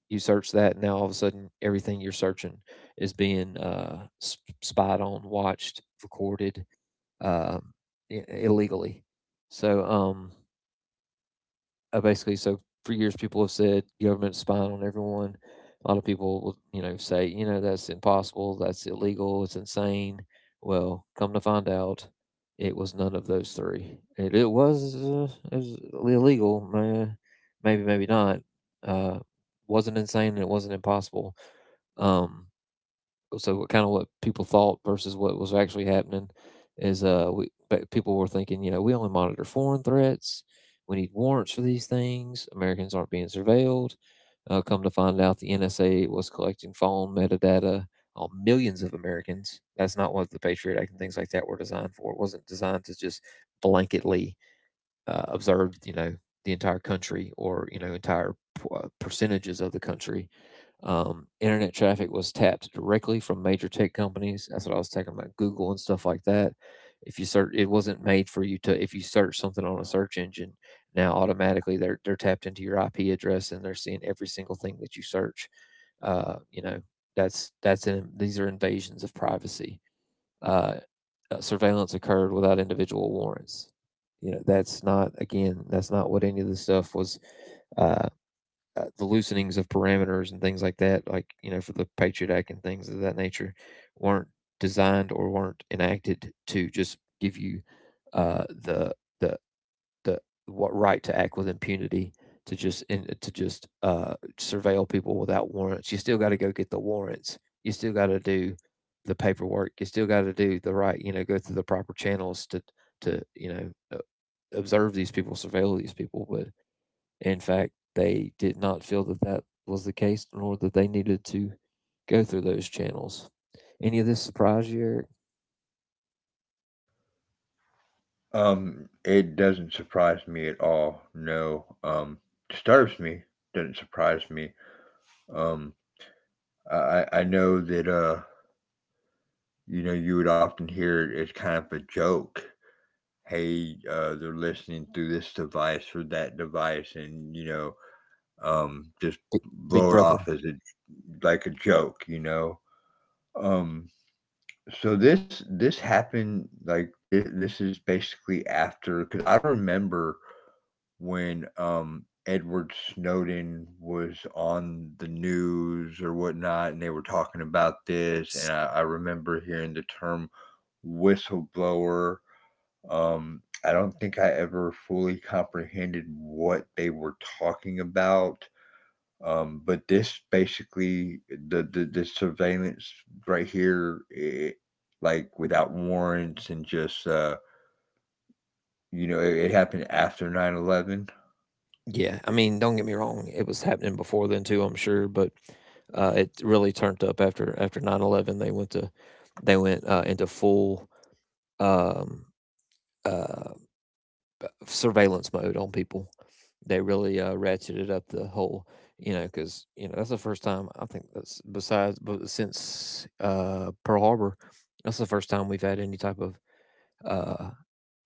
Speaker 1: you search that and now all of a sudden everything you're searching is being spied on watched recorded, um, illegally. So basically, so For years people have said government spying on everyone. A lot of people will, you know, say, you know, that's impossible, that's illegal, it's insane. Well, come to find out, it was none of those three. It was illegal, maybe, maybe not. Uh, wasn't insane, and it wasn't impossible. Um, so what kind of what people thought versus what was actually happening is we but people were thinking, you know, we only monitor foreign threats, we need warrants for these things, Americans aren't being surveilled. Uh, come to find out, the NSA was collecting phone metadata on millions of Americans. That's not what the Patriot Act and things like that were designed for. It wasn't designed to just blanketly observe, you know, the entire country or, you know, entire percentages of the country. Um, internet traffic was tapped directly from major tech companies. That's what I was talking about, Google and stuff like that. If you search, it wasn't made for you to. If you search something on a search engine, now automatically they're tapped into your IP address and they're seeing every single thing that you search. You know, these are invasions of privacy. Uh, Surveillance occurred without individual warrants. You know, that's not what any of the stuff was uh, the loosenings of parameters and things like that, like, you know, for the Patriot Act and things of that nature, weren't designed or weren't enacted to just give you uh, the the the what right to act with impunity to just to just surveil people without warrants. You still got to go get the warrants. You still got to do the paperwork. You still got to do the right, you know, go through the proper channels to to you know uh, observe these people, surveil these people. But in fact, they did not feel that that was the case, nor that they needed to go through those channels. Any of this surprise you, Eric?
Speaker 2: It doesn't surprise me at all. No, disturbs me. Doesn't surprise me. Um, I know that you know, you would often hear it as kind of a joke. Hey, they're listening through this device or that device, and you know, just
Speaker 1: Bi- Big
Speaker 2: blow it
Speaker 1: Brother.
Speaker 2: off as a like a joke, you know. Um, so this happened like this is basically after, because I remember when Edward Snowden was on the news or whatnot, and they were talking about this, and I remember hearing the term whistleblower. I don't think I ever fully comprehended what they were talking about. But this basically the surveillance right here, it, like without warrants and just, you know, it happened after 9/11.
Speaker 1: Yeah, I mean, don't get me wrong, it was happening before then too, I'm sure, but it really turned up after 9/11. They went to they went into full um, uh, surveillance mode on people. They really ratcheted up the whole, you know, because you know that's the first time I think that's besides but since Pearl Harbor, that's the first time we've had any type of uh,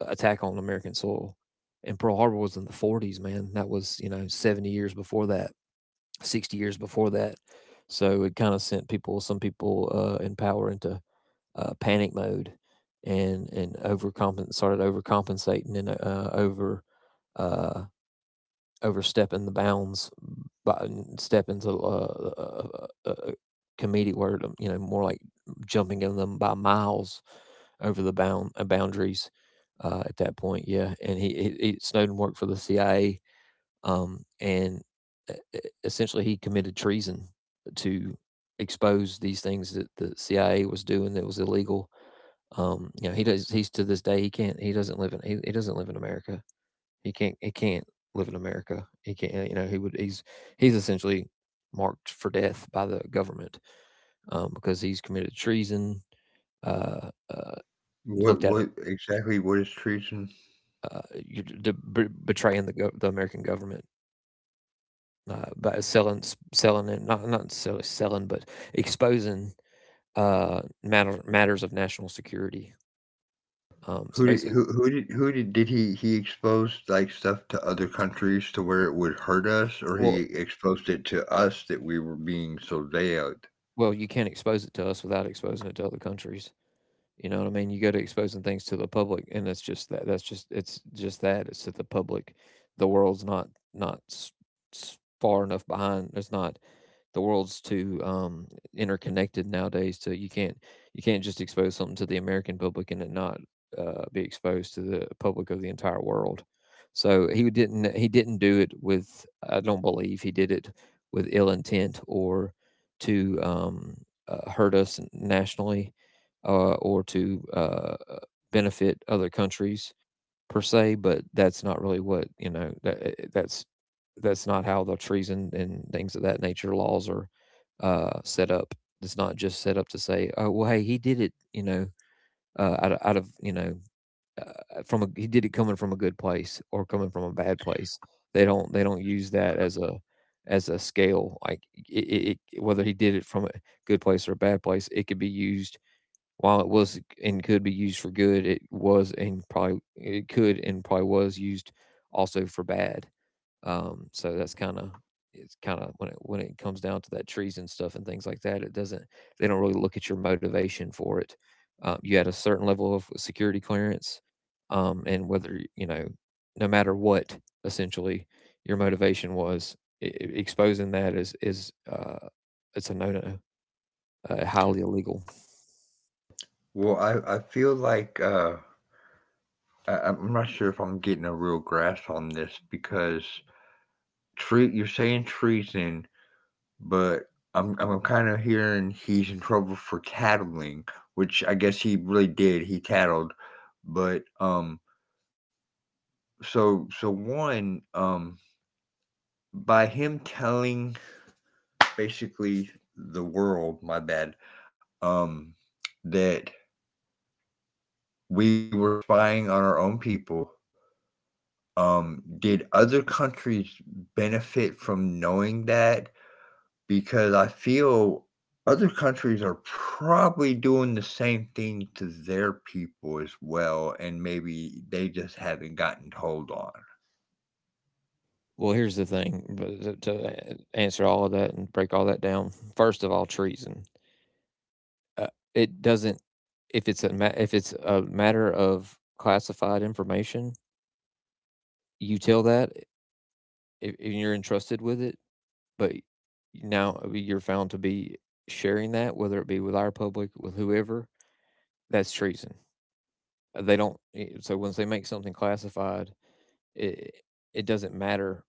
Speaker 1: attack on American soil. And Pearl Harbor was in the 40s, man. That was, you know, 70 years before that, 60 years before that. So it kind of sent people, some people in power, into panic mode, and started overcompensating and over uh, overstepping the bounds by stepping's a comedic word, you know, more like jumping in them by miles over the boundaries at that point. Yeah, and he Snowden worked for the CIA, and essentially he committed treason to expose these things that the CIA was doing that was illegal. Um, you know, he does. He's to this day he can't. He doesn't live in. He doesn't live in America. He can't live in America. He can't. You know, he would. He's essentially marked for death by the government, because he's committed treason. Uh, uh, Looked at it.
Speaker 2: What exactly? What is treason?
Speaker 1: Uh, you betraying the the American government by selling s- selling and not not necessarily selling, but exposing uh, matters of national security. Um, so
Speaker 2: Who did
Speaker 1: basically,
Speaker 2: did he expose like stuff to other countries to where it would hurt us, or he
Speaker 1: well,
Speaker 2: exposed it to us that we were being surveilled?
Speaker 1: Well, you can't expose it to us without exposing it to other countries. You know what I mean? You go to exposing things to the public, and it's just that. It's that the public, the world's not far enough behind. It's not the world's too interconnected nowadays. To You can't just expose something to the American public and it not be exposed to the public of the entire world. So he didn't do it with I don't believe he did it with ill intent or to hurt us nationally or to benefit other countries per se, but that's not really what you know. That, that's not how the treason and things of that nature laws are set up. It's not just set up to say, "Oh, well, hey, he did it," out of from a he did it coming from a good place or coming from a bad place. They don't use that as a scale, like whether he did it from a good place or a bad place. It could be used while it was and could be used for good. It was and probably it could and probably was used also for bad. So that's kind of it's kind of, when it comes down to that treason stuff and things like that, it doesn't they don't really look at your motivation for it. You had a certain level of security clearance, and whether you know, no matter what, essentially, your motivation was, i i- exposing that is, it's a no no, highly illegal.
Speaker 2: Well, I feel like I, I'm not sure if I'm getting a real grasp on this because Tre you're saying treason, but I'm kinda hearing he's in trouble for tattling, which I guess he really did, he tattled, but, so so 1, by him telling basically the world, my bad, um, that we were spying on our own people. Did other countries benefit from knowing that? Because I feel other countries are probably doing the same thing to their people as well, and maybe they just haven't gotten told on.
Speaker 1: Well, here's the thing, but to answer all of that and break all that down. First of all, treason. It doesn't, if it's a matter of classified information, you tell that, if you're entrusted with it, but now you're found to be sharing that, whether it be with our public, with whoever, that's treason. They don't. Eh, So once they make something classified, it it doesn't matter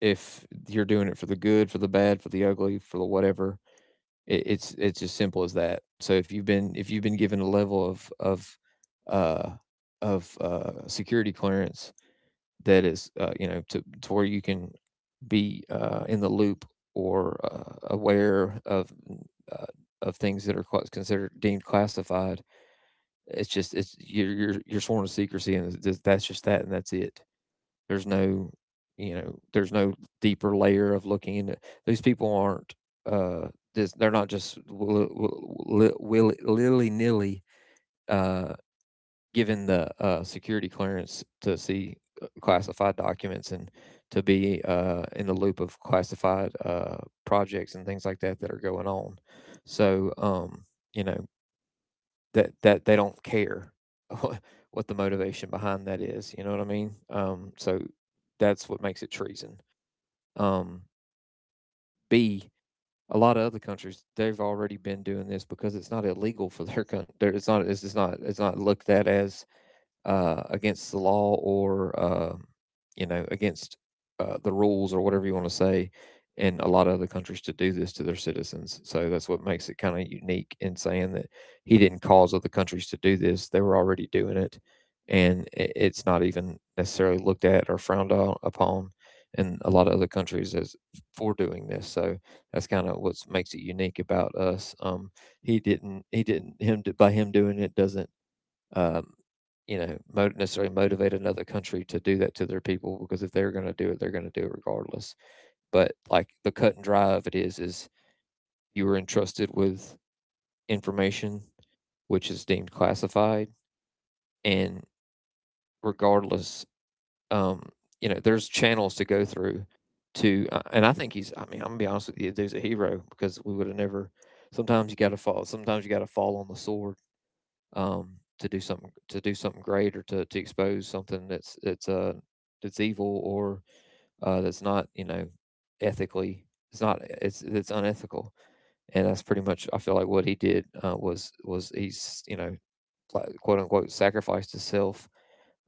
Speaker 1: if you're doing it for the good, for the bad, for the ugly, for the whatever. It's as simple as that. So if you've been given a level uh, of security clearance that is, you know, to where you can be in the loop or aware uh, of things that are considered deemed classified, it's just it's you're sworn to secrecy, and it's just, that's just that, and that's it. There's no, you know, there's no deeper layer of looking into. These people aren't Uh, this, they're not just willy nilly uh, given the security clearance to see classified documents and to be in the loop of classified projects and things like that that are going on. So, you know, that they don't care what the motivation behind that is. You know what I mean? So that's what makes it treason. Um, B, a lot of other countries, they've already been doing this because it's not illegal for their country. It's not. It's not. It's not looked at as against the law, or you know, against the rules, or whatever you want to say, in a lot of other countries, to do this to their citizens. So that's what makes it kind of unique, in saying that he didn't cause other countries to do this. They were already doing it, and it's not even necessarily looked at or frowned on, upon, in a lot of other countries as for doing this. So that's kind of what makes it unique about us. He didn't, by him doing it, doesn't, um, you know, necessarily motivate another country to do that to their people, because if they're going to do it, they're going to do it regardless. But, like, the cut and dry of it is you were entrusted with information which is deemed classified, and regardless, um, you know, there's channels to go through to, and I think he's, I mean, I'm gonna be honest with you, dude's a hero, because we would have never. Sometimes you got to fall. Sometimes you got to fall on the sword, to do something, great, or to expose something that's, that's evil or that's not, you know, ethically, it's not it's unethical, and that's pretty much, I feel like, what he did. Was He's, you know, like, quote unquote, sacrificed himself,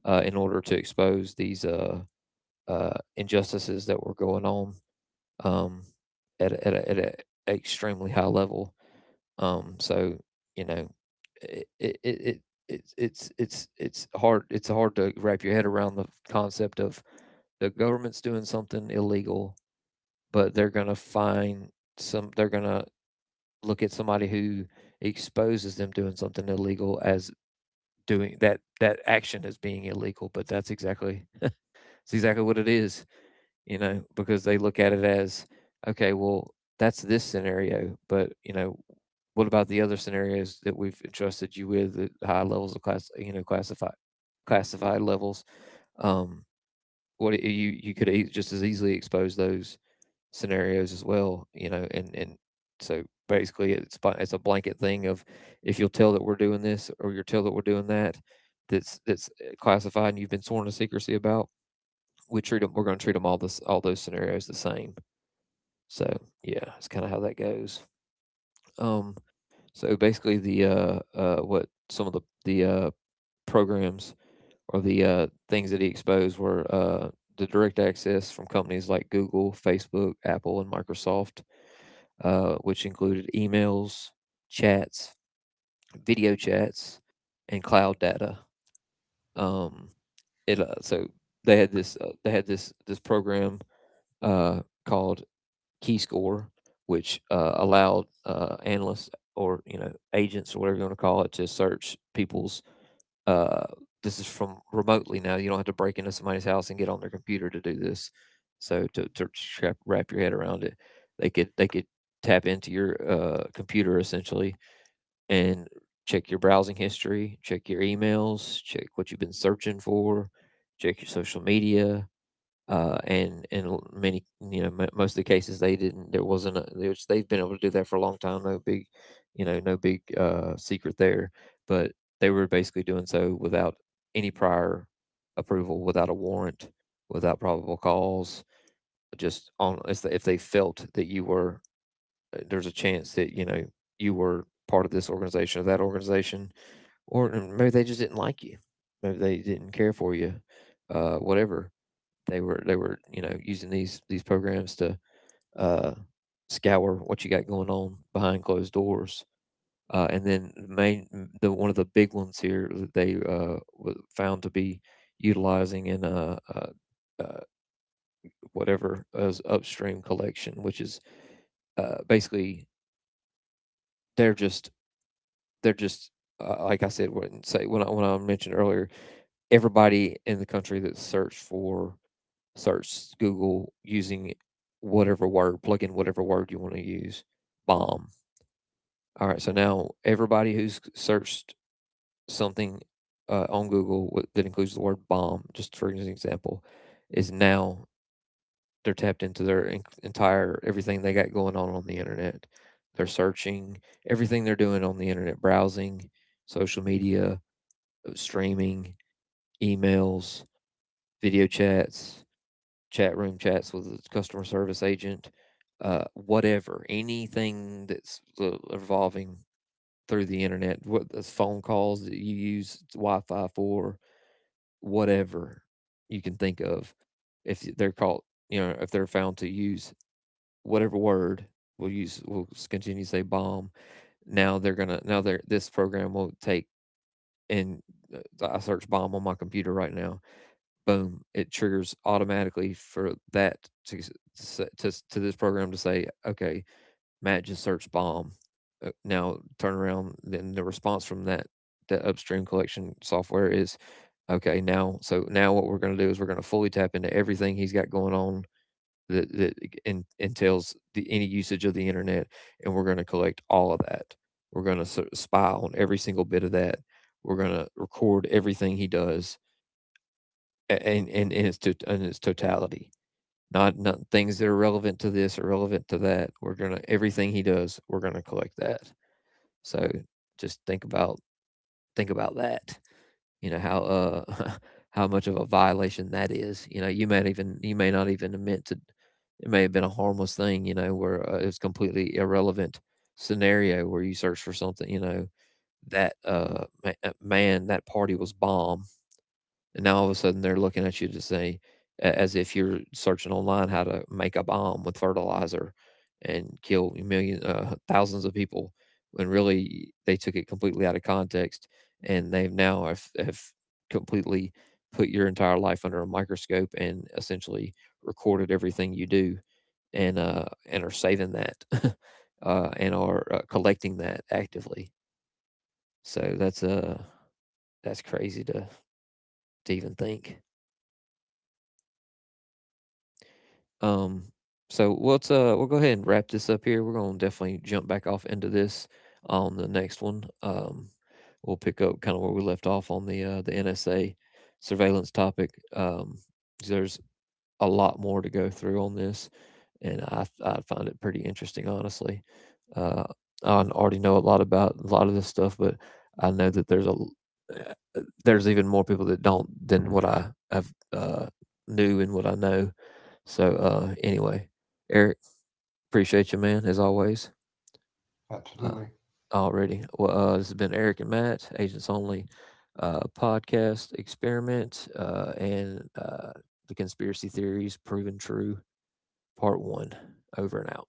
Speaker 1: in order to expose these, injustices that were going on, um, at a extremely high level. So you know, it it, it it it's, it's hard, to wrap your head around the concept of the government's doing something illegal, but they're gonna find some, they're gonna look at somebody who exposes them doing something illegal as doing that that action as being illegal. But that's exactly, it's exactly what it is, you know, because they look at it as, okay, well, that's this scenario, but, you know, what about the other scenarios that we've entrusted you with at high levels of class, you know, classified levels? Um, what you could, e, just as easily expose those scenarios as well, you know, and so basically it's, it's a blanket thing of, if you'll tell that we're doing this, or you'll tell that we're doing that, that's, classified, and you've been sworn to secrecy about. We treat them. We're going to treat them, all this, all those scenarios, the same. So yeah, it's kind of how that goes. Um, so basically, the what some of the programs or the things that he exposed were, the direct access from companies like Google, Facebook, Apple, and Microsoft, which included emails, chats, video chats, and cloud data. Um, it so they had this program called key score, which allowed analysts, or, you know, agents, or whatever you want to call it, to search people's. Uh, this is from remotely now. You don't have to break into somebody's house and get on their computer to do this. So, wrap your head around it, they could tap into your computer, essentially, and check your browsing history, check your emails, check what you've been searching for, check your social media, and in many, you know, mo most of the cases, they didn't there wasn't a, there's, they've been able to do that for a long time. No big, you know, no big secret there. But they were basically doing so without any prior approval, without a warrant, without probable cause, just on, if they felt that you were, there's a chance that, you know, you were part of this organization or that organization, or maybe they just didn't like you, maybe they didn't care for you, whatever. They were, you know, using these programs to uh, scour what you got going on behind closed doors. And then the main, the one of the big ones here that they, found to be utilizing in, uh, whatever, is upstream collection, which is, basically, they're just they're just, like I said, when when I mentioned earlier, everybody in the country that search Google using whatever word, plug in whatever word you want to use. Bomb. All right, so now everybody who's searched something on Google that includes the word bomb, just for an example, is now, they're tapped into their entire, everything they got going on the internet. They're searching everything they're doing on the internet: browsing, social media, streaming, emails, video chats, chat room chats with a customer service agent, whatever, anything that's, evolving through the internet, what, those phone calls that you use Wi-Fi for, whatever you can think of. If they're caught, you know, if they're found to use whatever word, we'll continue to say bomb. Now they're this program will take, and, I search bomb on my computer right now, boom, it triggers automatically for that to to, to this program to say, okay, Matt just searched bomb. Now turn around. Then the response from that, the upstream collection software, is, okay. Now, so now what we're going to do is we're going to fully tap into everything he's got going on, that entails the any usage of the internet, and we're going to collect all of that. We're going to sort of spy on every single bit of that. We're going to record everything he does, and in its to in its totality. Not things that are relevant to this or relevant to that. We're gonna, everything he does, we're gonna collect that. So just think about, think about that. You know how, uh, how much of a violation that is. You know, you might even, you may not even have meant to. It may have been a harmless thing. You know, where, it's completely irrelevant, scenario where you search for something. You know, that, man, that party was bomb, and now all of a sudden they're looking at you to say, as if you're searching online how to make a bomb with fertilizer and kill million thousands of people. When really they took it completely out of context, and they've have completely put your entire life under a microscope, and essentially recorded everything you do, and are saving that, and are collecting that actively. So that's, that's crazy to even think. Um, so let's, uh, we'll go ahead and wrap this up here. We're gonna definitely jump back off into this on the next one. We'll pick up kind of where we left off on the NSA surveillance topic. There's a lot more to go through on this, and I find it pretty interesting, honestly. Uh, I already know a lot about a lot of this stuff, but I know that there's there's even more people that don't than what I have, uh, knew and what I know. So, anyway, Eric, appreciate you, man, as always. Uh,
Speaker 2: Absolutely.
Speaker 1: already, well, this has been Eric and Matt, Agents Only podcast experiment, and the conspiracy theories proven true, part one. Over and out.